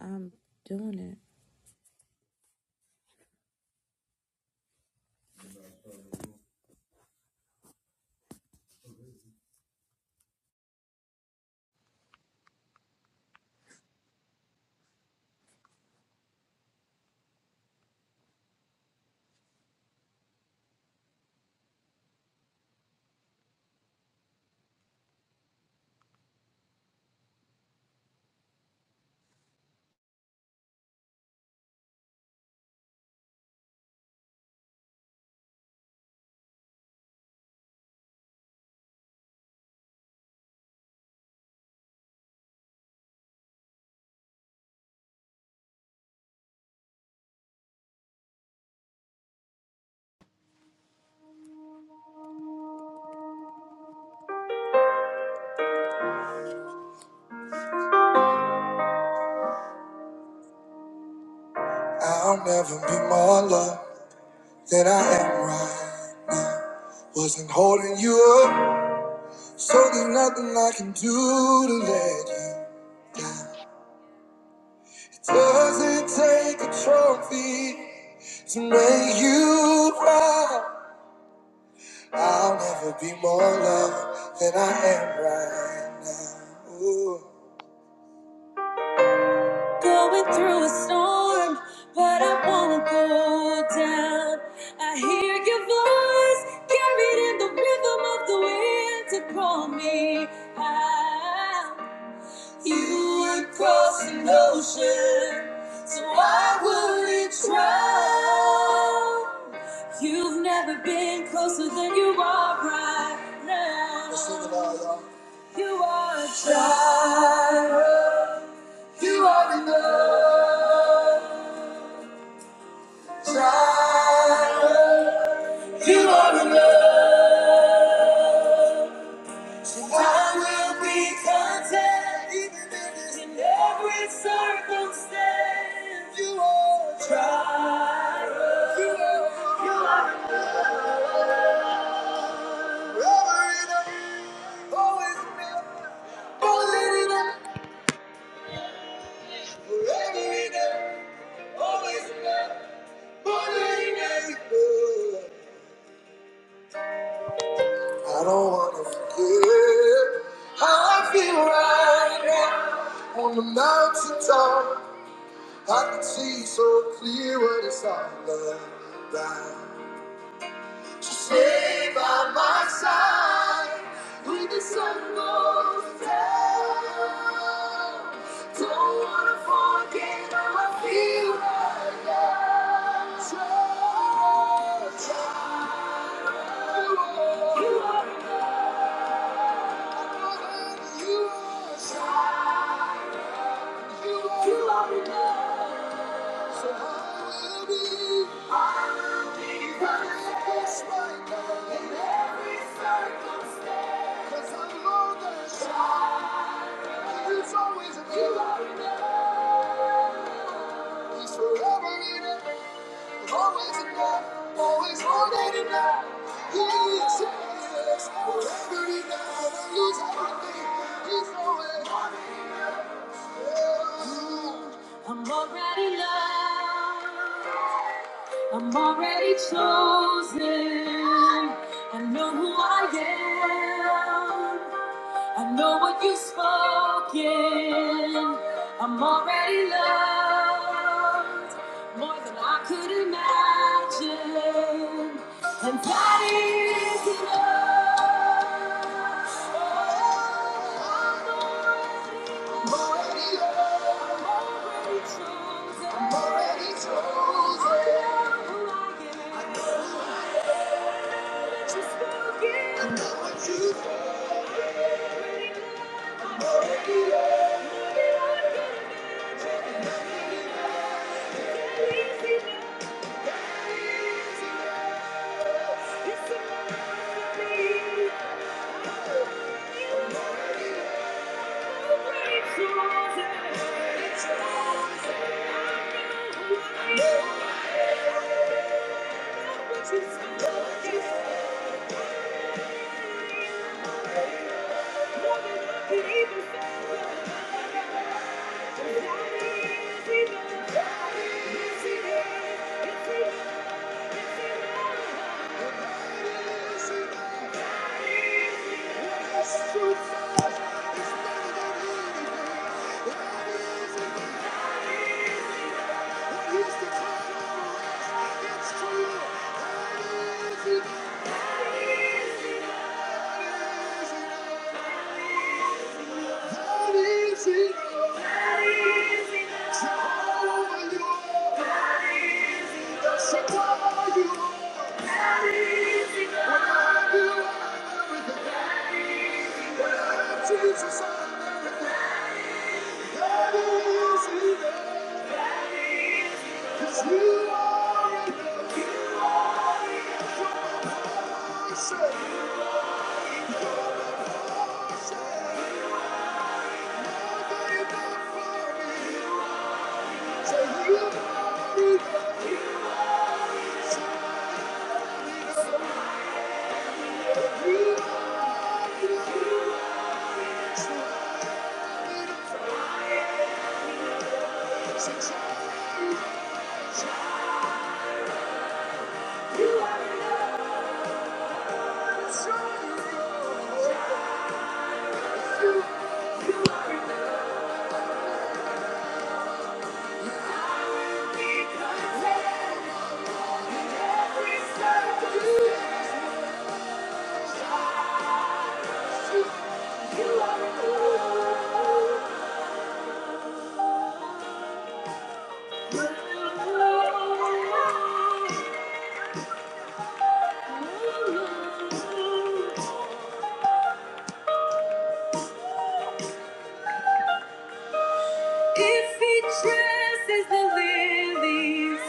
I'm doing it. I'll never be more loved than I am right. Wasn't holding you up, so there's nothing I can do to let you down. It doesn't take a trophy to make you proud. I'll never be more loved than I am right now. Ooh. Going through a storm, but I won't go down. I hear your voice carried in the rhythm of the wind to call me out. You would cross an ocean, so I would not drown? You've never been closer than you are right now. Let's sing it out, y'all. You are a child. You are enough. Silent. You are enough. and I will be content even in in every circumstance. You are a triumph. You are, you are enough. Forever enough. Always enough. Always enough. Forever enough. Always enough. Always enough. I don't wanna forget how I feel right now on the mountain top. I can see so clear what it's all about. Just lay by my side when the sun goes down. Don't wanna forget how I feel right now. Trust you, you, are, you. are. Always more than enough. He is yes, forever enough. He's everything. He's always. I'm already loved. I'm already chosen. I know who I am. I know what you've spoken. I'm already loved more than I could imagine. And that is enough. Oh, I'm Already loved. Thank you. It's It's not about anything. It's not easy. What he's declared over us, it's true. That is enough. That is enough. That is enough. Jehovah, you are the supplier. You are. Without you, I'm Jesus, I'm everything. That is enough. Thank you. Thank you. are If he dresses the lilies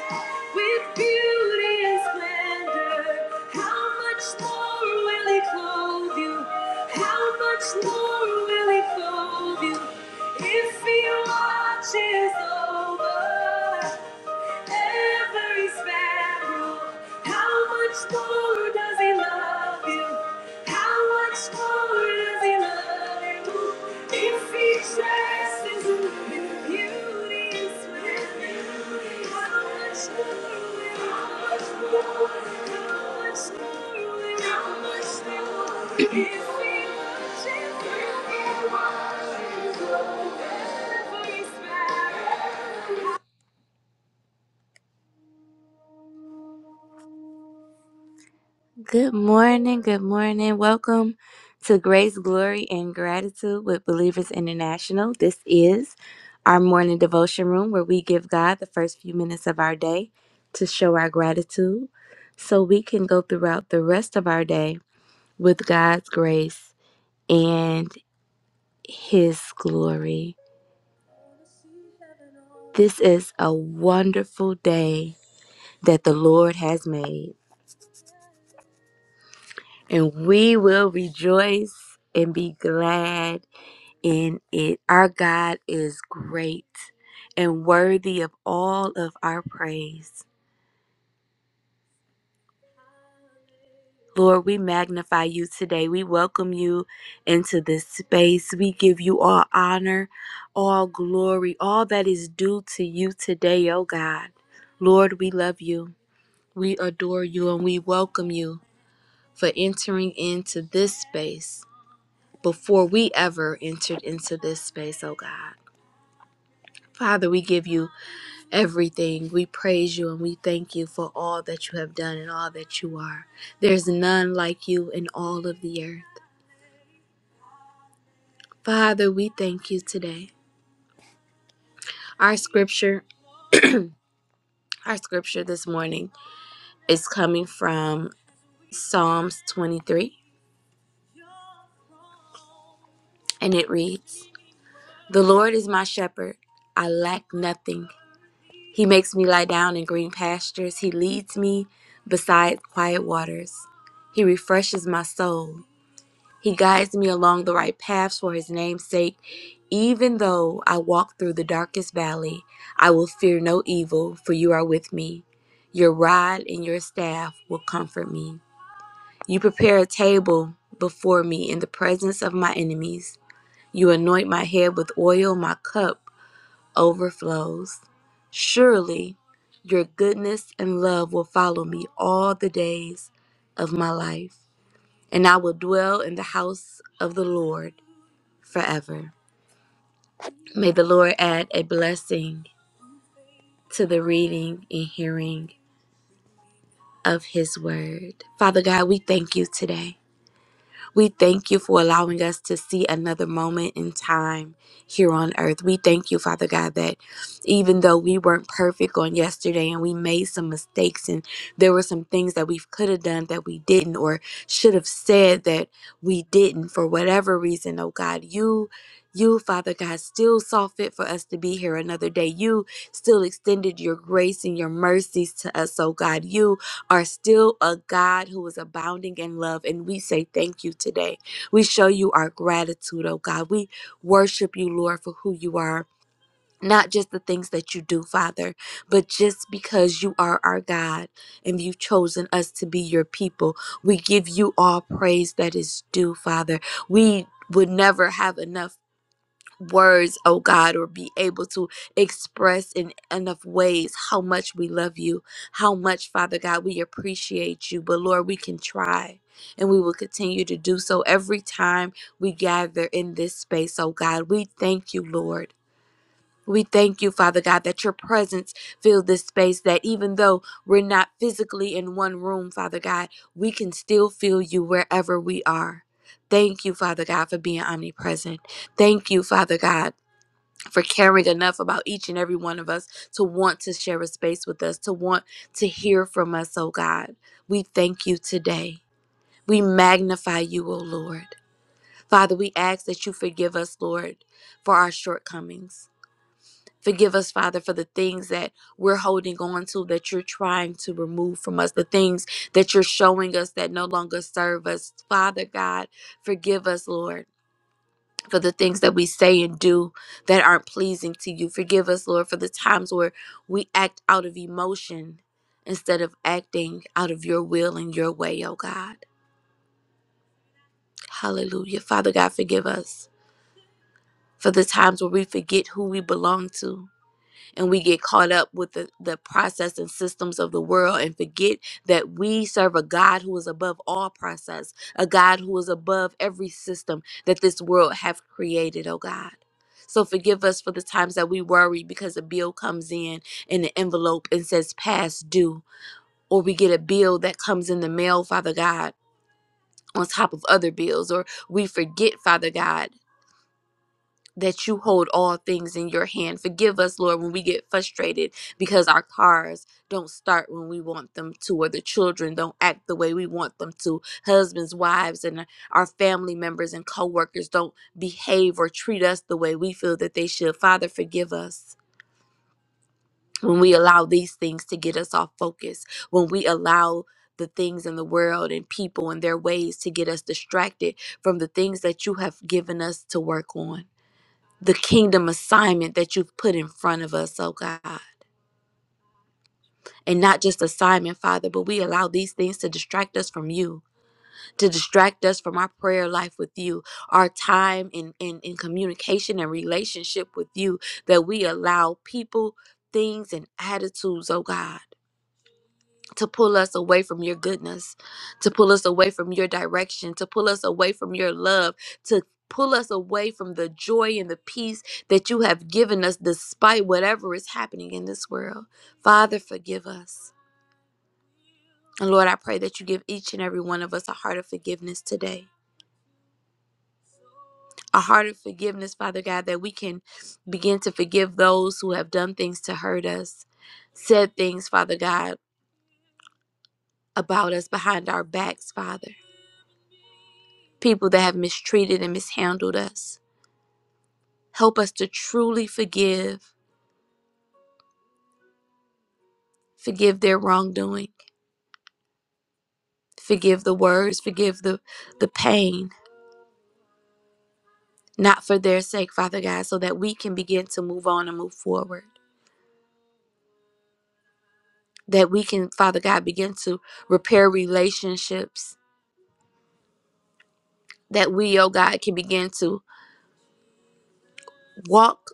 with beauty and splendor, how much more will he clothe you? How much more will he clothe you? If he watches over Every sparrow, how much more does he love you? How much more does he love you? If he dresses in beauty and splendor, how much more will he love you? How much more will how much more if he worships, if he worships, every sparrow. Good morning, good morning. Welcome to Grace, Glory, and Gratitude with Believers International. This is our morning devotion room where we give God the first few minutes of our day to show our gratitude so we can go throughout the rest of our day with God's grace and His glory. This is a wonderful day that the Lord has made, and we will rejoice and be glad in it. Our God is great and worthy of all of our praise. Lord, we magnify you today. We welcome you into this space. We give you all honor, all glory, all that is due to you today, oh God. Lord, we love you. We adore you and we welcome you for entering into this space before we ever entered into this space, oh God. Father, we give you everything. We praise you and we thank you for all that you have done and all that you are. There's none like you in all of the earth. Father, we thank you today. Our scripture, our scripture this morning is coming from Psalms 23 and it reads, "The Lord is my shepherd; I lack nothing. He makes me lie down in green pastures; he leads me beside quiet waters. He refreshes my soul. He guides me along the right paths for his name's sake. Even though I walk through the darkest valley, I will fear no evil, for you are with me. Your rod and your staff will comfort me. You prepare a table before me in the presence of my enemies. You anoint my head with oil, my cup overflows. Surely your goodness and love will follow me all the days of my life, and I will dwell in the house of the Lord forever. May the Lord add a blessing to the reading and hearing of his word. Father God, we thank you today. We thank you for allowing us to see another moment in time here on earth. We thank you, Father God, that even though we weren't perfect on yesterday and we made some mistakes and there were some things that we could have done that we didn't or should have said that we didn't for whatever reason, oh God, you. You, Father God, still saw fit for us to be here another day. You still extended your grace and your mercies to us, oh God. You are still a God who is abounding in love. And we say thank you today. We show you our gratitude, oh God. We worship you, Lord, for who you are. Not just the things that you do, Father, but just because you are our God and you've chosen us to be your people. We give you all praise that is due, Father. We would never have enough words, oh God, or be able to express in enough ways how much we love you, how much, Father God, we appreciate you. But Lord, we can try and we will continue to do so every time we gather in this space, oh God. We thank you, Lord. We thank you, Father God, that your presence filled this space, that even though we're not physically in one room, Father God, we can still feel you wherever we are. Thank you, Father God, for being omnipresent. Thank you, Father God for caring enough about each and every one of us to want to share a space with us, to want to hear from us, oh God. We thank you today. We magnify you, oh Lord. Father, we ask that you forgive us, Lord, for our shortcomings. Forgive us, Father, for the things that we're holding on to that you're trying to remove from us, the things that you're showing us that no longer serve us. Father God, forgive us, Lord for the things that we say and do that aren't pleasing to you. Forgive us, Lord, for the times where we act out of emotion instead of acting out of your will and your way, oh God. Hallelujah. Father God, forgive us for the times where we forget who we belong to and we get caught up with the, the process and systems of the world and forget that we serve a God who is above all process, a God who is above every system that this world have created, oh God. So forgive us for the times that we worry because a bill comes in in an envelope and says past due, or we get a bill that comes in the mail, Father God. On top of other bills, or we forget, Father God, that you hold all things in your hand. Forgive us, Lord, when we get frustrated because our cars don't start when we want them to, or the children don't act the way we want them to. Husbands, wives, and our family members and coworkers don't behave or treat us the way we feel that they should. Father, forgive us when we allow these things to get us off focus, when we allow the things in the world and people and their ways to get us distracted from the things that you have given us to work on the kingdom assignment that you've put in front of us, oh God. And not just assignment, Father, but we allow these things to distract us from you, to distract us from our prayer life with you, our time in, in, in communication and relationship with you, that we allow people, things, and attitudes, oh God. to pull us away from your goodness, to pull us away from your direction, to pull us away from your love, to pull us away from the joy and the peace that you have given us despite whatever is happening in this world. Father, forgive us. And Lord, I pray that you give each and every one of us a heart of forgiveness today. A heart of forgiveness, Father God, that we can begin to forgive those who have done things to hurt us, said things, Father God, about us behind our backs, Father. people that have mistreated and mishandled us. Help us to truly forgive, forgive their wrongdoing, forgive the words, forgive the, the pain, not for their sake, Father God, so that we can begin to move on and move forward. That we can, Father God, begin to repair relationships. That we, oh God, can begin to walk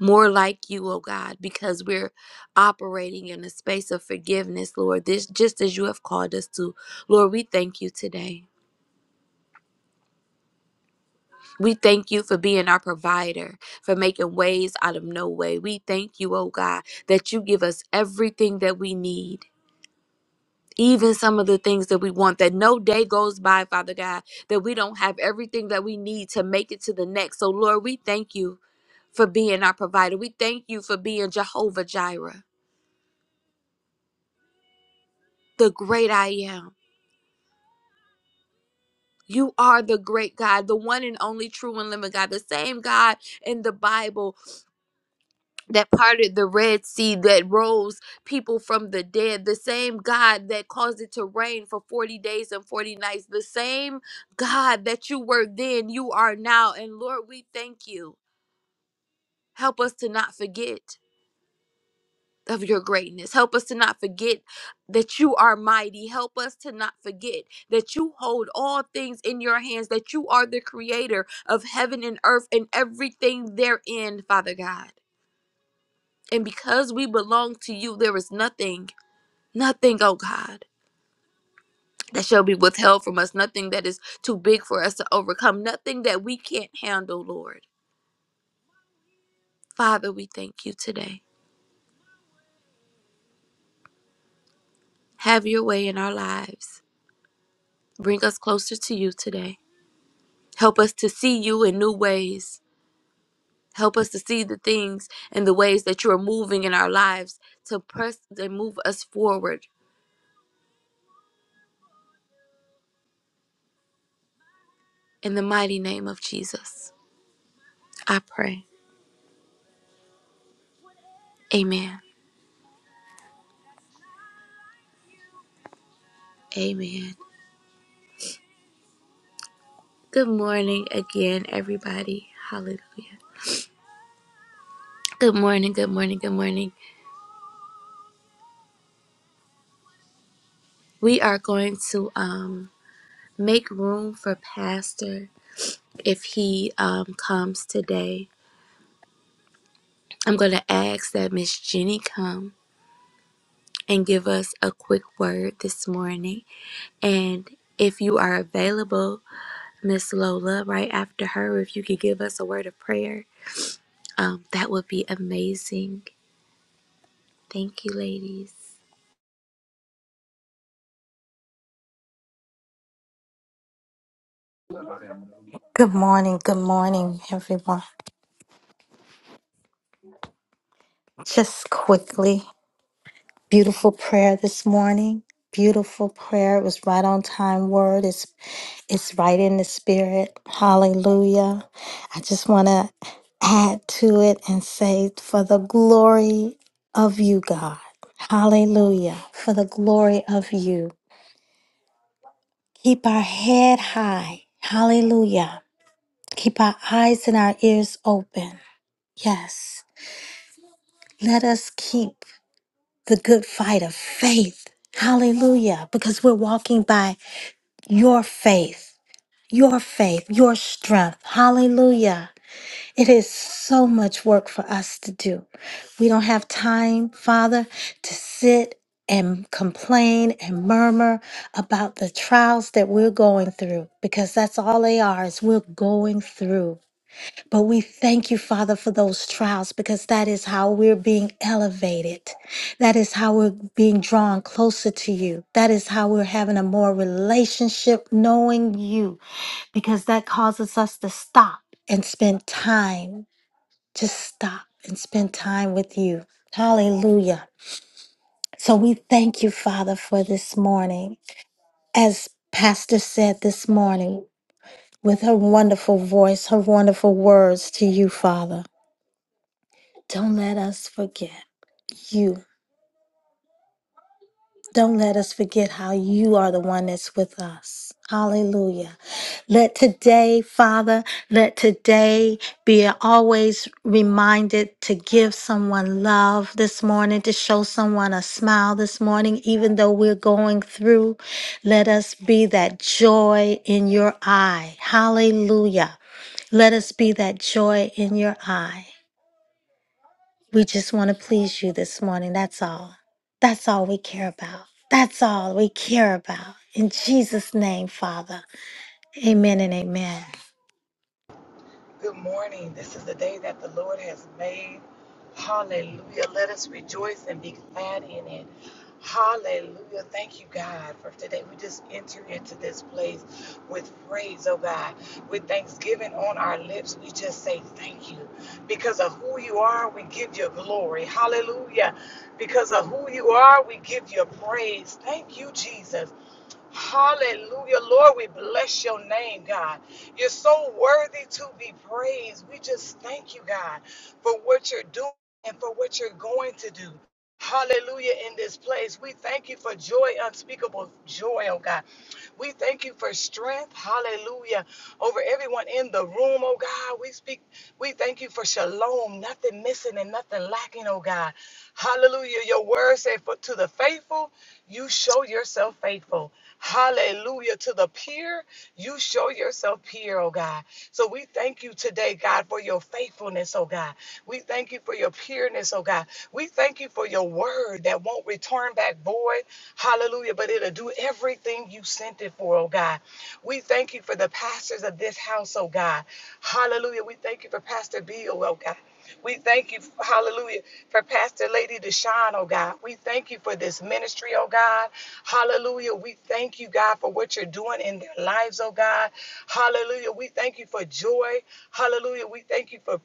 more like you, oh God, because we're operating in a space of forgiveness, Lord, this just as you have called us to. Lord, we thank you today. We thank you for being our provider, for making ways out of no way. We thank you, oh God, that you give us everything that we need. Even some of the things that we want, that no day goes by, Father God, that we don't have everything that we need to make it to the next. So, Lord, we thank you for being our provider. We thank you for being Jehovah Jireh, the great I am. You are the great God, the one and only true and living God, the same God in the Bible that parted the Red Sea, that rose people from the dead, the same God that caused it to rain for 40 days and 40 nights, the same God that you were then, you are now. And Lord, we thank you. Help us to not forget of your greatness. Help us to not forget that you are mighty. Help us to not forget that you hold all things in your hands, that you are the creator of heaven and earth and everything therein, Father God. And because we belong to you, there is nothing Nothing, oh God, that shall be withheld from us. Nothing that is too big for us to overcome. Nothing that we can't handle, Lord. Father, we thank you today. Have your way in our lives. Bring us closer to you today. Help us to see you in new ways. Help us to see the things and the ways that you are moving in our lives to press and move us forward. In the mighty name of Jesus, I pray. Amen. Amen. Good morning again, everybody. Hallelujah. Good morning, good morning, good morning. We are going to um, make room for Pastor if he um, comes today. I'm going to ask that Miss Jenny come and give us a quick word this morning. And if you are available, Miss Lola, right after her, if you could give us a word of prayer, um, that would be amazing. Thank you, ladies. Good morning. Good morning, everyone. Just quickly, beautiful prayer this morning. Beautiful prayer. It was right on time word. It's it's right in the spirit. Hallelujah. I just want to add to it and say for the glory of you, God. Hallelujah. For the glory of you. Keep our head high. Hallelujah. Keep our eyes and our ears open. Yes. Let us keep. the good fight of faith. Hallelujah. Because we're walking by your faith, your faith, your strength. Hallelujah. It is so much work for us to do. We don't have time, Father, to sit and complain and murmur about the trials that we're going through because that's all they are is we're going through but we thank you, Father, for those trials because that is how we're being elevated. That is how we're being drawn closer to you. That is how we're having a more relationship knowing you because that causes us to stop and spend time. Just stop and spend time with you. Hallelujah. So we thank you, Father, for this morning. As Pastor said this morning, with her wonderful voice, her wonderful words to you, Father. Don't let us forget you. Don't let us forget how you are the one that's with us. Hallelujah. Let today, Father, let today be always reminded to give someone love this morning, to show someone a smile this morning, even though we're going through. Let us be that joy in your eye. Hallelujah. Let us be that joy in your eye. We just want to please you this morning. That's all. That's all we care about. That's all we care about. In Jesus' name, Father. Amen and amen. Good morning. This is the day that the Lord has made. Hallelujah. Let us rejoice and be glad in it. Hallelujah. Thank you, God, for today. We just enter into this place with praise, oh God, with thanksgiving on our lips. We just say thank you. Because of who you are, we give you glory. Hallelujah. Because of who you are, we give you praise. Thank you, Jesus. Hallelujah. Lord, we bless your name, God. You're so worthy to be praised. We just thank you, God, for what you're doing and for what you're going to do. Hallelujah in this place. We thank you for joy, unspeakable joy, oh God. We thank you for strength. Hallelujah. Over everyone in the room, oh God. We speak, we thank you for shalom. Nothing missing and nothing lacking, oh God. Hallelujah. Your word said, for to the faithful, you show yourself faithful. Hallelujah. To the pure, you show yourself pure, oh God. So we thank you today, God, for your faithfulness, oh God. We thank you for your pureness, oh God. We thank you for your word that won't return back void. Hallelujah. But it'll do everything you sent it for, oh God. We thank you for the pastors of this house, oh God. Hallelujah. We thank you for Pastor Bill, oh God. We thank you, hallelujah, for Pastor Lady Deshawn, oh God. We thank you for this ministry, oh God. Hallelujah. We thank you, God, for what you're doing in their lives, oh God. Hallelujah. We thank you for joy. Hallelujah. We thank you for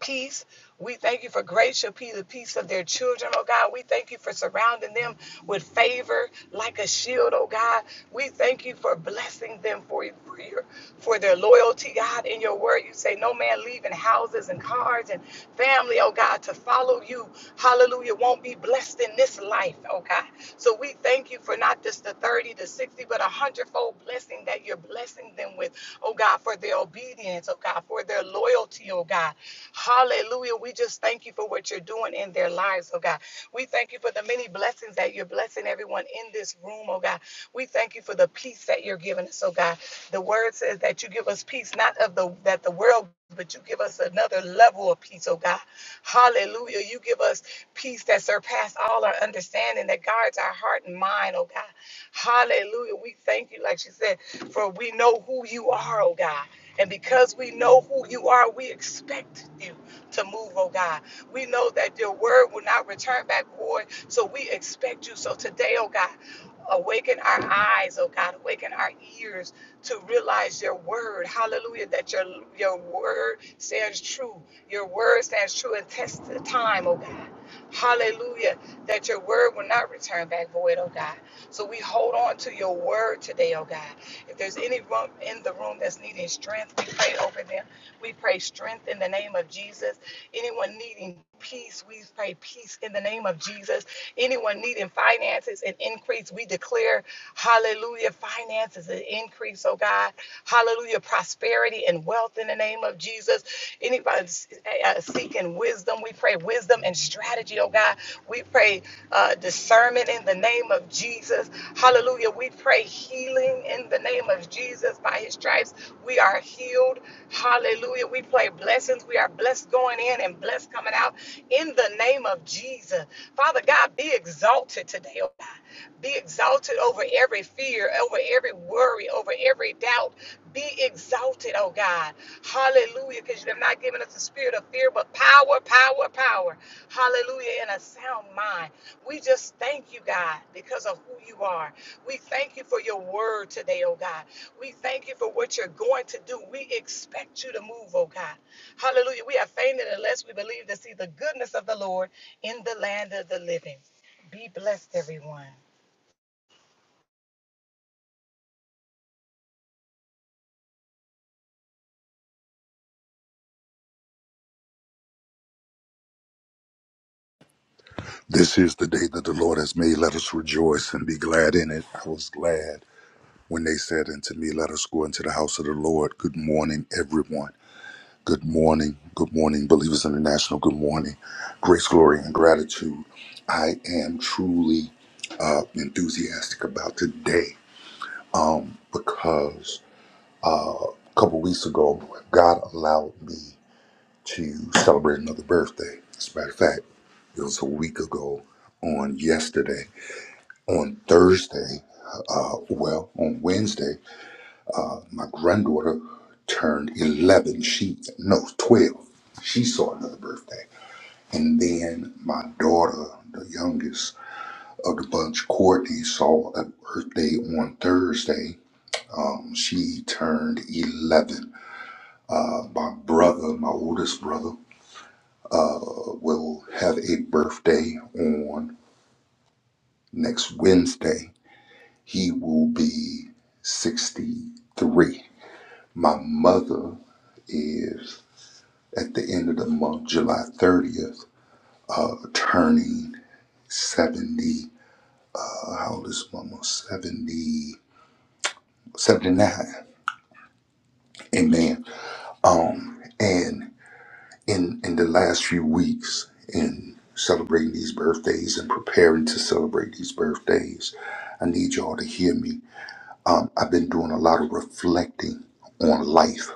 peace. We thank you for grace shall be the peace of their children, oh God. We thank you for surrounding them with favor like a shield, oh God. We thank you for blessing them for, for your for their loyalty, God. In your word, you say no man leaving houses and cars and family, oh God, to follow you. Hallelujah. Won't be blessed in this life, oh God. So we thank you for not just the 30 the 60, but a hundredfold blessing that you're blessing them with, oh God, for their obedience, oh God, for their loyalty, oh God. Hallelujah. Hallelujah. We just thank you for what you're doing in their lives, oh God. We thank you for the many blessings that you're blessing everyone in this room, oh God. We thank you for the peace that you're giving us, oh God. The word says that you give us peace, not of the that the world, but you give us another level of peace, oh God. Hallelujah. You give us peace that surpasses all our understanding, that guards our heart and mind, oh God. Hallelujah. We thank you, like she said, for we know who you are, oh God. And because we know who you are, we expect you to move, oh God. We know that your word will not return back void, so we expect you. So today, oh God, awaken our eyes, oh God, awaken our ears to realize your word. Hallelujah, that your your word stands true. Your word stands true and test the time, oh God. Hallelujah, that your word will not return back void, oh God. So we hold on to your word today, oh God. If there's anyone in the room that's needing strength, we pray over them. We pray strength in the name of Jesus. Anyone needing peace, we pray peace in the name of Jesus. Anyone needing finances and increase, we declare, hallelujah, finances and increase, oh God. Hallelujah, prosperity and wealth in the name of Jesus. Anybody uh, uh, seeking wisdom, we pray wisdom and strategy, oh God. We pray uh, discernment in the name of Jesus. Hallelujah. We pray healing in the name of Jesus. By his stripes, we are healed. Hallelujah. We pray blessings. We are blessed going in and blessed coming out in the name of Jesus. Father God, be exalted today, oh God. Be exalted over every fear, over every worry, over every doubt. Be exalted, oh God. Hallelujah. Because you have not given us the spirit of fear, but power, power, power. Hallelujah. And a sound mind. We just thank you, God, because of who you are. We thank you for your word today, oh God. We thank you for what you're going to do. We expect you to move, oh God. Hallelujah. We are fainted unless we believe to see the goodness of the Lord in the land of the living. Be blessed, everyone. This is the day that the Lord has made. Let us rejoice and be glad in it. I was glad when they said unto me, Let us go into the house of the Lord. Good morning, everyone. Good morning. Good morning, Believers International. Good morning. Grace, glory, and gratitude. I am truly uh, enthusiastic about today because a couple weeks ago, God allowed me to celebrate another birthday. As a matter of fact, it was a week ago on yesterday. on Thursday, uh, well, on Wednesday, uh, my granddaughter turned 11. She, no, 12. She saw another birthday. And then my daughter, the youngest of the bunch, Courtney, saw a birthday on Thursday. Um, she turned 11. Uh, my brother, my oldest brother, uh, will have a birthday on next Wednesday. He will be 63. My mother is at the end of the month, July 30th, uh, turning 70. Uh, how old is mama? 70, 79. Amen. Um, and in in the last few weeks, in celebrating these birthdays and preparing to celebrate these birthdays, I need y'all to hear me. Um, I've been doing a lot of reflecting on life.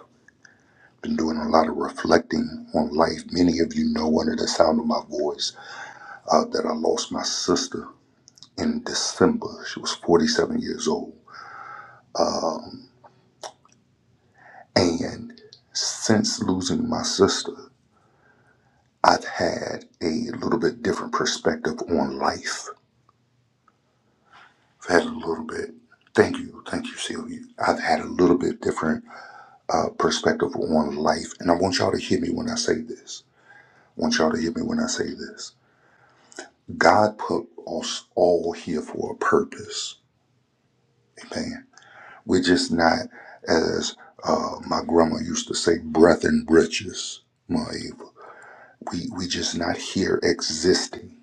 Been doing a lot of reflecting on life. Many of you know under the sound of my voice. uh, that I lost my sister in December. She was 47 years old. And since losing my sister, I've had a little bit different perspective on life. I've had a little bit, thank you, thank you, Sylvia. I've had a little bit different uh, perspective on life. And I want y'all to hear me when I say this. I want y'all to hear me when I say this. God put us all here for a purpose. Amen. We're just not, as uh, my grandma used to say, breath and britches, Ma Eva. We, we just not here existing.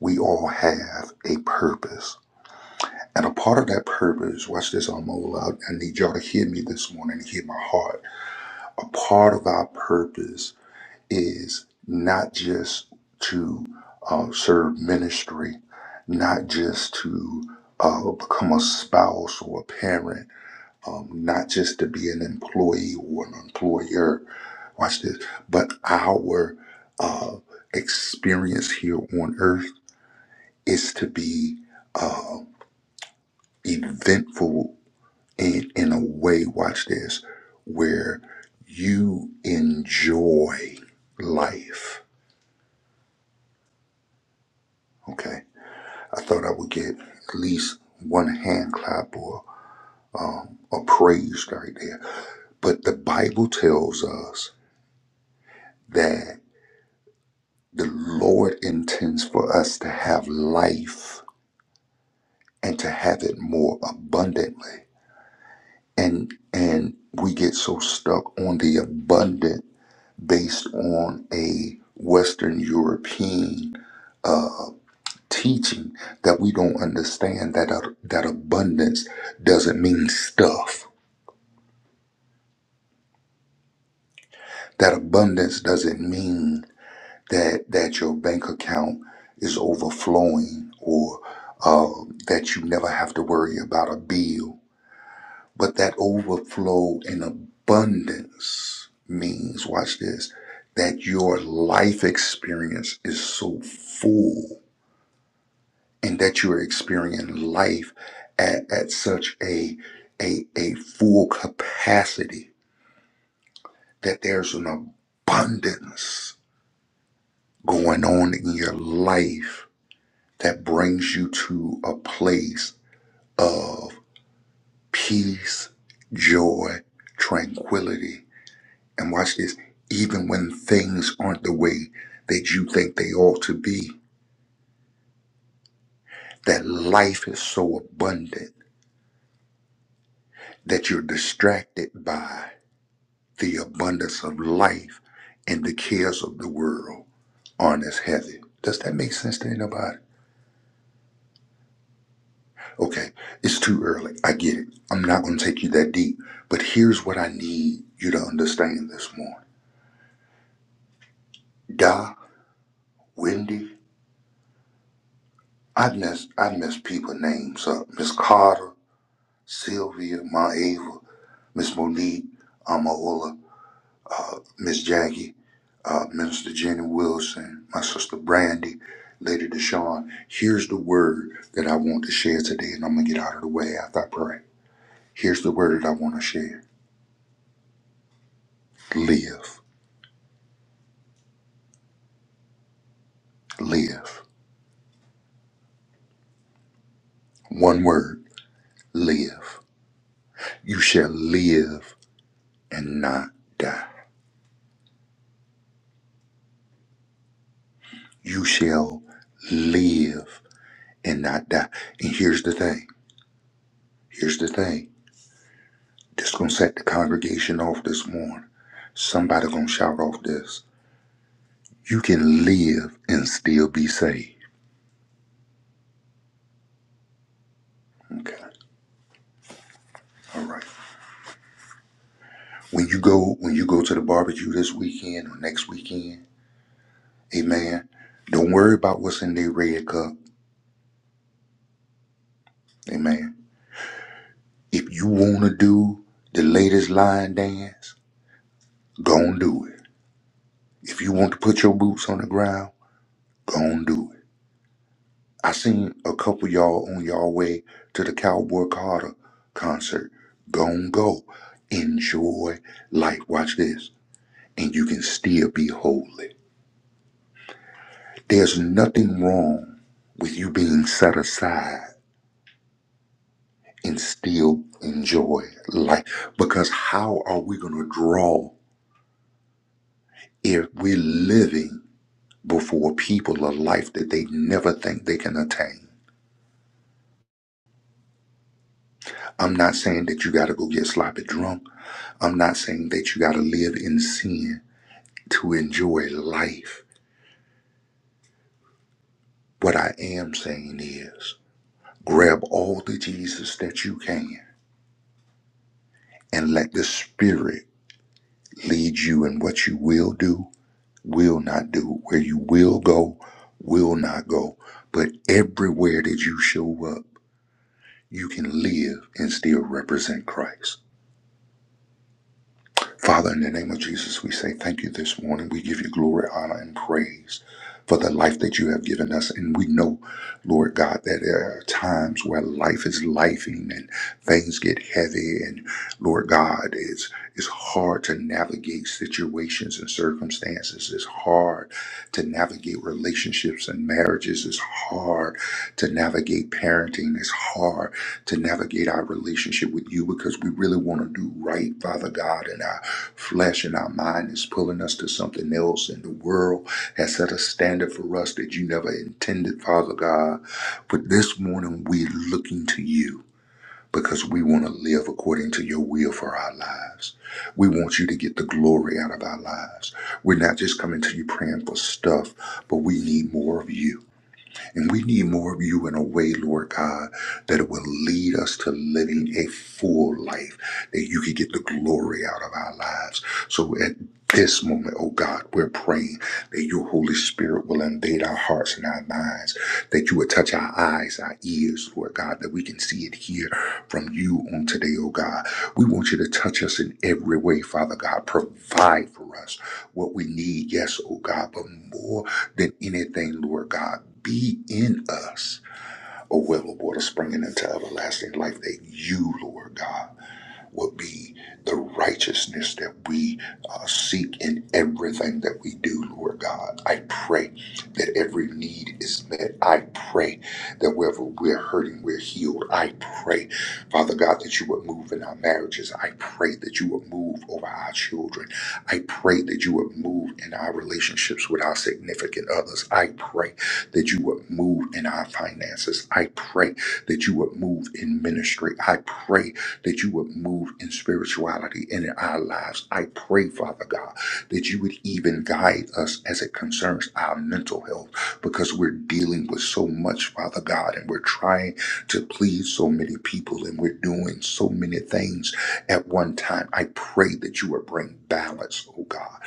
We all have a purpose. And a part of that purpose, watch this, I'm all out. I need y'all to hear me this morning and hear my heart. A part of our purpose is not just to uh, serve ministry, not just to uh, become a spouse or a parent um, not just to be an employee or an employer, watch this, but our uh, experience here on earth is to be uh, eventful in, in a way, watch this, where you enjoy life. Okay. I thought I would get at least one hand clap or um, a praise right there. But the Bible tells us that. The Lord intends for us to have life and to have it more abundantly. And and we get so stuck on the abundant based on a Western European uh, teaching that we don't understand that uh, that abundance doesn't mean stuff. That abundance doesn't mean that that your bank account is overflowing or uh, that you never have to worry about a bill. But that overflow and abundance means, watch this, that your life experience is so full and that you're experiencing life at, at such a, a, a full capacity that there's an abundance going on in your life that brings you to a place of peace, joy, tranquility. And watch this, even when things aren't the way that you think they ought to be, that life is so abundant that you're distracted by the abundance of life and the cares of the world aren't as heavy. Does that make sense to anybody? Okay, it's too early. I get it. I'm not going to take you that deep. But here's what I need you to understand this morning. Da, Wendy, I've messed, I've messed people names up. Miss Carter, Sylvia, Ma Ava, Miss Monique, Amaola, Miss Jackie, uh, Minister Jenny Wilson, my sister Brandy, Lady Deshawn. Here's the word that I want to share today, and I'm going to get out of the way after I pray. Here's the word that I want to share. Live. Live. One word live. You shall live and not die. You shall live and not die. And here's the thing. Here's the thing. This gonna set the congregation off this morning. Somebody gonna shout off this. You can live and still be saved. Okay. All right. When you go when you go to the barbecue this weekend or next weekend, amen. Don't worry about what's in their red cup. Amen. If you want to do the latest line dance, go and do it. If you want to put your boots on the ground, go and do it. I seen a couple y'all on y'all way to the Cowboy Carter concert. Go and go. Enjoy life. Watch this. And you can still be holy. There's nothing wrong with you being set aside and still enjoy life. Because how are we going to draw if we're living? before people a life that they never think they can attain. I'm not saying that you got to go get sloppy drunk. I'm not saying that you got to live in sin to enjoy life. What I am saying is grab all the Jesus that you can and let the Spirit lead you in what you will do, will not do, where you will go, will not go. But everywhere that you show up, you can live and still represent Christ. Father, in the name of Jesus, we say thank you this morning. We give you glory, honor, and praise for the life that you have given us. And we know, Lord God, that there are times where life is lifing and things get heavy. And Lord God, it's, it's hard to navigate situations and circumstances. It's hard to navigate relationships and marriages. It's hard to navigate parenting. It's hard to navigate our relationship with you because we really want to do right, Father God. And our Flesh and our mind is pulling us to something else, and the world has set a standard for us that you never intended, Father God. But this morning, we're looking to you because we want to live according to your will for our lives. We want you to get the glory out of our lives. We're not just coming to you praying for stuff, but we need more of you. And we need more of you in a way, Lord God, that it will lead us to living a full life, that you can get the glory out of our lives. So at this moment, oh God, we're praying that your Holy Spirit will invade our hearts and our minds, that you would touch our eyes, our ears, Lord God, that we can see and hear from you on today, oh God. We want you to touch us in every way, Father God. Provide for us what we need, yes, oh God, but more than anything, Lord God be in us a well of water springing into everlasting life that you, Lord God, would be the righteousness that we uh, seek in everything that we do, Lord God. I pray that every need is met. I pray that wherever we're hurting, we're healed. I pray, Father God, that you would move in our marriages. I pray that you would move over our children. I pray that you would move in our relationships with our significant others. I pray that you would move in our finances. I pray that you would move in ministry. I pray that you would move in spirituality and in our lives. I pray, Father God, that you would even guide us as it concerns our mental health because we're dealing with so much, Father God, and we're trying to please so many people and we're doing so many things at one time. I pray that you would bring balance, oh God.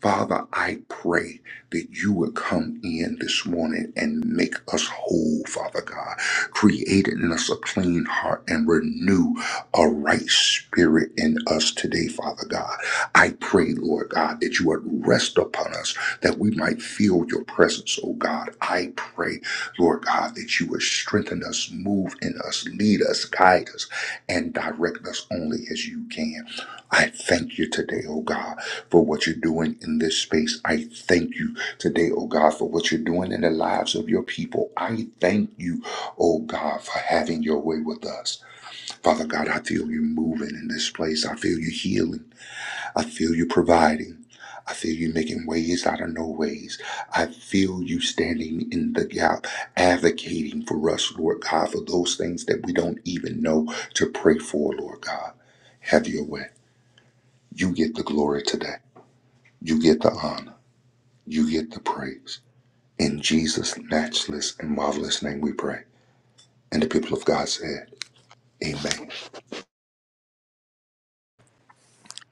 Father, I pray that you would come in this morning and make us whole, Father God. Create in us a clean heart and renew a right spirit in us today, Father God. I pray, Lord God, that you would rest upon us, that we might feel your presence, oh God. I pray, Lord God, that you would strengthen us, move in us, lead us, guide us, and direct us only as you can. I thank you today, oh God, for what you're doing in this space. I thank you today, oh God, for what you're doing in the lives of your people. I thank you, oh God, for having your way with us. Father God, I feel you moving in this place. I feel you healing. I feel you providing. I feel you making ways out of no ways. I feel you standing in the gap, advocating for us, Lord God, for those things that we don't even know to pray for, Lord God. Have your way. You get the glory today. You get the honor. You get the praise. In Jesus' matchless and marvelous name we pray. And the people of God said, Amen.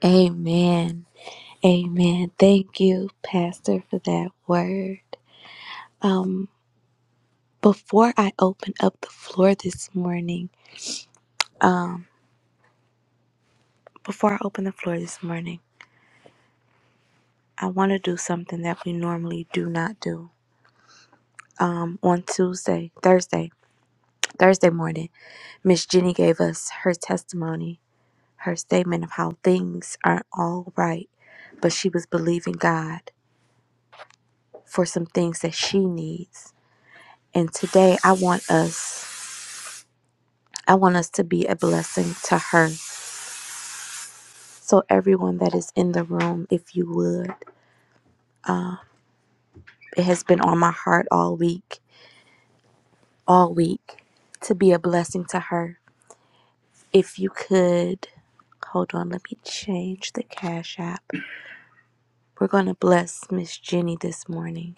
Amen. Amen. Thank you, Pastor, for that word. Before I open up the floor this morning, before I open the floor this morning, I want to do something that we normally do not do. Um, on Tuesday, Thursday, Thursday morning, Miss Jenny gave us her testimony, her statement of how things aren't all right, but she was believing God for some things that she needs. And today, I want us, I want us to be a blessing to her. So everyone that is in the room, if you would, it has been on my heart all week all week to be a blessing to her. If you could, hold on, let me change the Cash App. We're going to bless Miss Jenny this morning.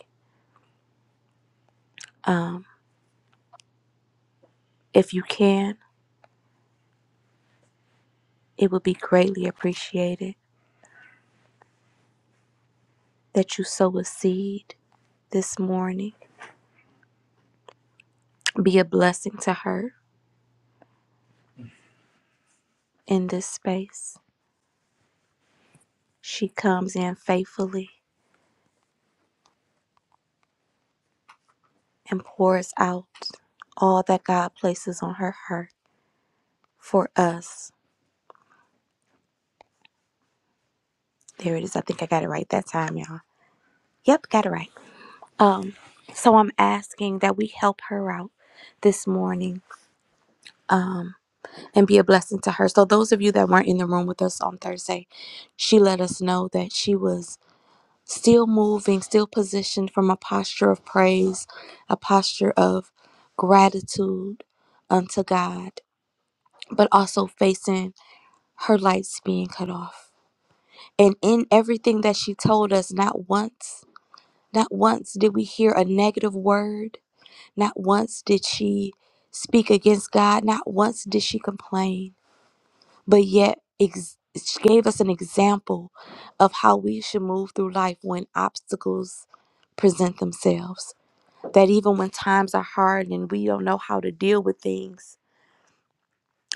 Um, if you can, it would be greatly appreciated that you sow a seed this morning. Be a blessing to her in this space. She comes in faithfully and pours out all that God places on her heart for us. There it is. I think I got it right that time, y'all. Yep, got it right. Um, so I'm asking that we help her out this morning and be a blessing to her. So those of you that weren't in the room with us on Thursday, she let us know that she was still moving, still positioned from a posture of praise, a posture of gratitude unto God, but also facing her lights being cut off. And in everything that she told us, not once, not once did we hear a negative word Not once did she speak against God. Not once did she complain. But yet, ex- she gave us an example of how we should move through life when obstacles present themselves. That even when times are hard and we don't know how to deal with things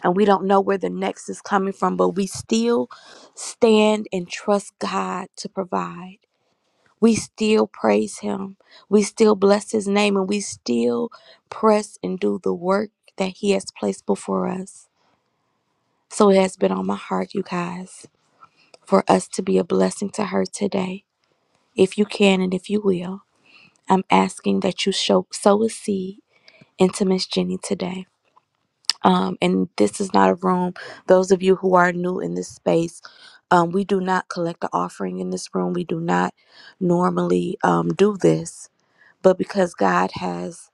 and we don't know where the next is coming from, but we still stand and trust God to provide we still praise him. We still bless his name and we still press and do the work that he has placed before us. So it has been on my heart, you guys, for us to be a blessing to her today. If you can and if you will, I'm asking that you show, sow a seed into Miss Jenny today. Um, and this is not a room. Those of you who are new in this space, um, we do not collect the offering in this room. We do not normally um, do this But because God has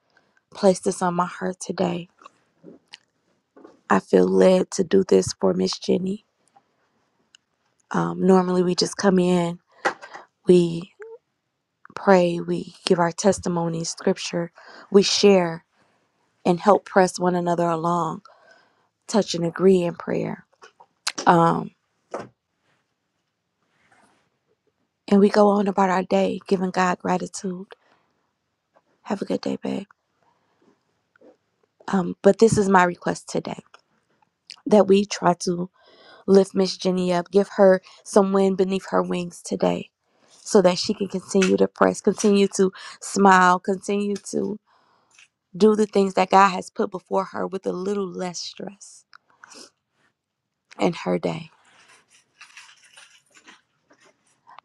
placed this on my heart today, I feel led to do this for Miss Jenny. Um, normally, we just come in, we pray, we give our testimony, scripture, we share, and help press one another along, touch and agree in prayer. Um, and we go on about our day, giving God gratitude. Have a good day, babe. Um, but this is my request today that we try to lift Miss Jenny up, give her some wind beneath her wings today so that she can continue to press, continue to smile, continue to do the things that God has put before her with a little less stress in her day.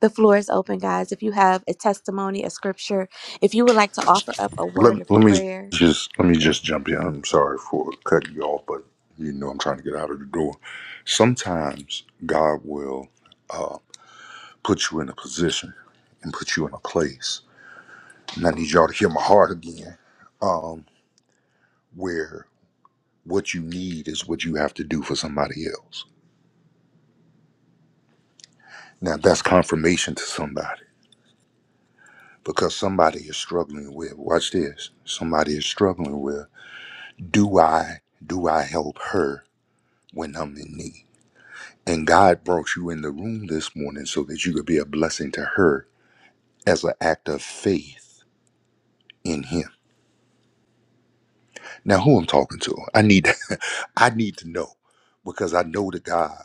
The floor is open, guys. If you have a testimony, a scripture, if you would like to offer up a word of Let, let me prayer, just let me just jump in. I'm sorry for cutting you off, but you know I'm trying to get out of the door. Sometimes God will uh, put you in a position and put you in a place, and I need y'all to hear my heart again, um, where what you need is what you have to do for somebody else. Now that's confirmation to somebody because somebody is struggling with. Watch this. Somebody is struggling with. Do I do I help her when I'm in need? And God brought you in the room this morning so that you could be a blessing to her as an act of faith in him. Now who I'm talking to, I need I need to know because I know that God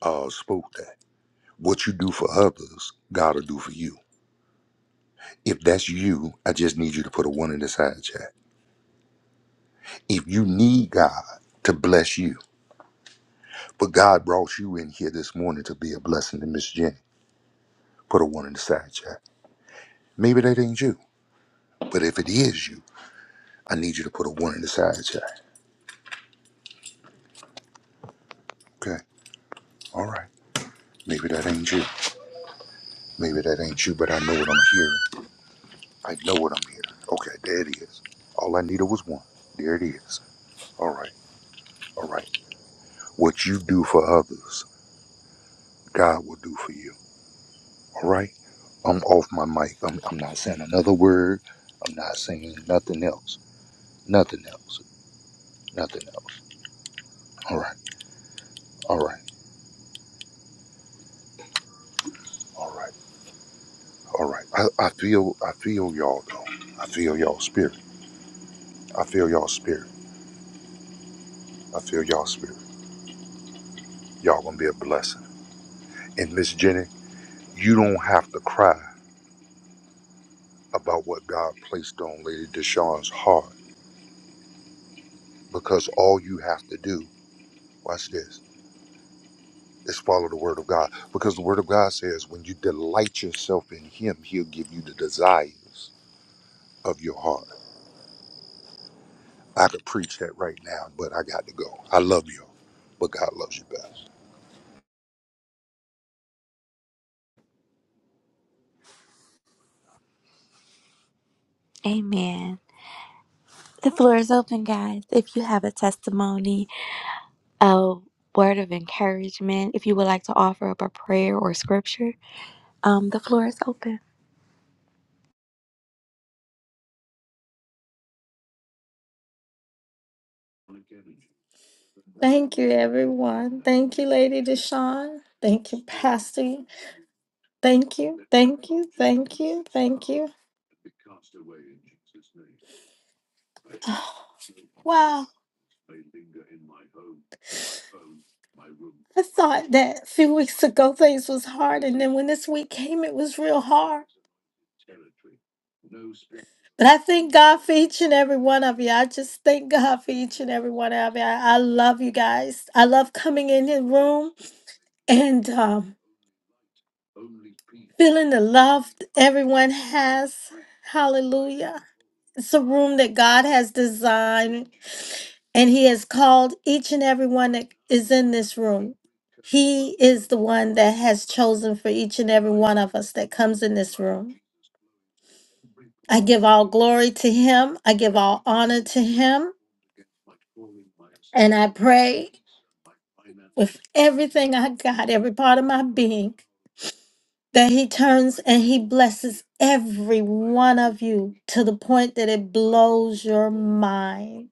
uh spoke that. What you do for others, God will do for you. If that's you, I just need you to put a one in the side chat. If you need God to bless you, but God brought you in here this morning to be a blessing to Miss Jenny, put a one in the side chat. Maybe that ain't you. But if it is you, I need you to put a one in the side check. Okay. All right. Maybe that ain't you. Maybe that ain't you, but I know what I'm hearing. I know what I'm hearing. Okay, there it is. All I needed was one. There it is. All right. All right. What you do for others, God will do for you. All right? I'm off my mic. I'm, I'm not saying another word. I'm not saying nothing else. Nothing else. Nothing else. All right. All right. All right. All right. I, I feel I feel y'all though. I feel y'all spirit. I feel y'all spirit. I feel y'all spirit. Y'all gonna be a blessing. And Miss Jenny, you don't have to cry about what God placed on Lady Deshawn's heart because all you have to do, watch this, is follow the word of God. Because the word of God says when you delight yourself in him, he'll give you the desires of your heart. I could preach that right now, but I got to go. I love you, but God loves you best. amen. The floor is open, guys. If you have a testimony, a word of encouragement, if you would like to offer up a prayer or scripture, um, the floor is open. Thank you, everyone. Thank you, Lady Deshawn. Thank you, Pastor. Thank you. Thank you. Thank you. Thank you. Oh, wow. I thought that a few weeks ago things was hard, and then when this week came, it was real hard. But I thank God for each and every one of you. I just thank God for each and every one of you. I, I love you guys. I love coming in your room and um, feeling the love everyone has. Hallelujah. It's a room that God has designed and He has called each and every one that is in this room. He is the one that has chosen for each and every one of us that comes in this room. I give all glory to him. I give all honor to him. And I pray with everything I got, every part of my being, that he turns and he blesses every one of you to the point that it blows your mind,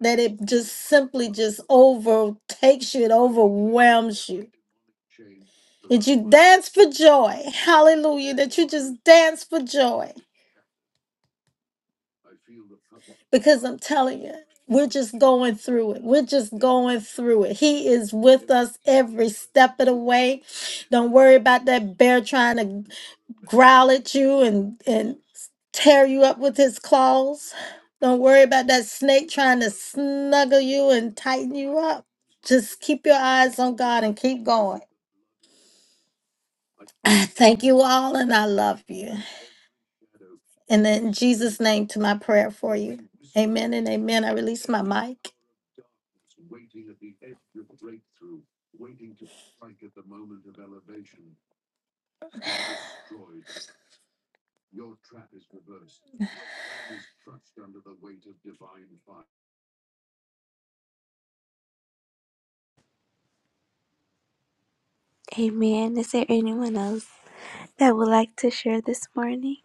that it just simply just overtakes you, it overwhelms you. That you dance for joy. Hallelujah. That you just dance for joy. because I'm telling you, we're just going through it. We're just going through it. He is with us every step of the way. Don't worry about that bear trying to growl at you and and tear you up with his claws. Don't worry about that snake trying to snuggle you and tighten you up. Just keep your eyes on God and keep going. I thank you all and I love you. And in Jesus' name to my prayer for you. Amen and amen. I release my mic. Amen. Is there anyone else that would like to share this morning?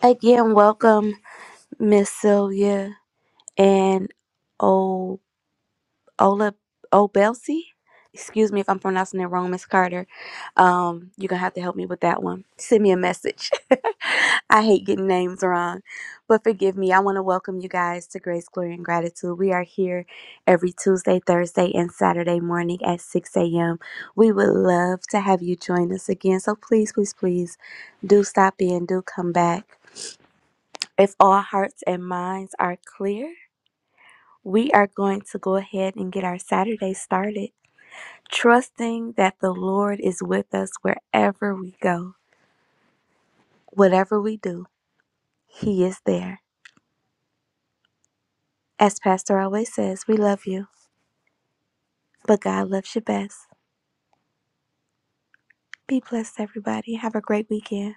Again, welcome, Miss Sylvia and O Ola Obelsi. Excuse me if I'm pronouncing it wrong, Miss Carter. Um, you're gonna have to help me with that one. Send me a message. I hate getting names wrong, but forgive me. I want to welcome you guys to Grace, Glory, and Gratitude. We are here every Tuesday, Thursday, and Saturday morning at 6 a.m. We would love to have you join us again. So please, please, please do stop in, do come back. If all hearts and minds are clear, we are going to go ahead and get our Saturday started, trusting that the Lord is with us wherever we go. Whatever we do, He is there. As Pastor always says, we love you, but God loves you best. Be blessed, everybody. Have a great weekend.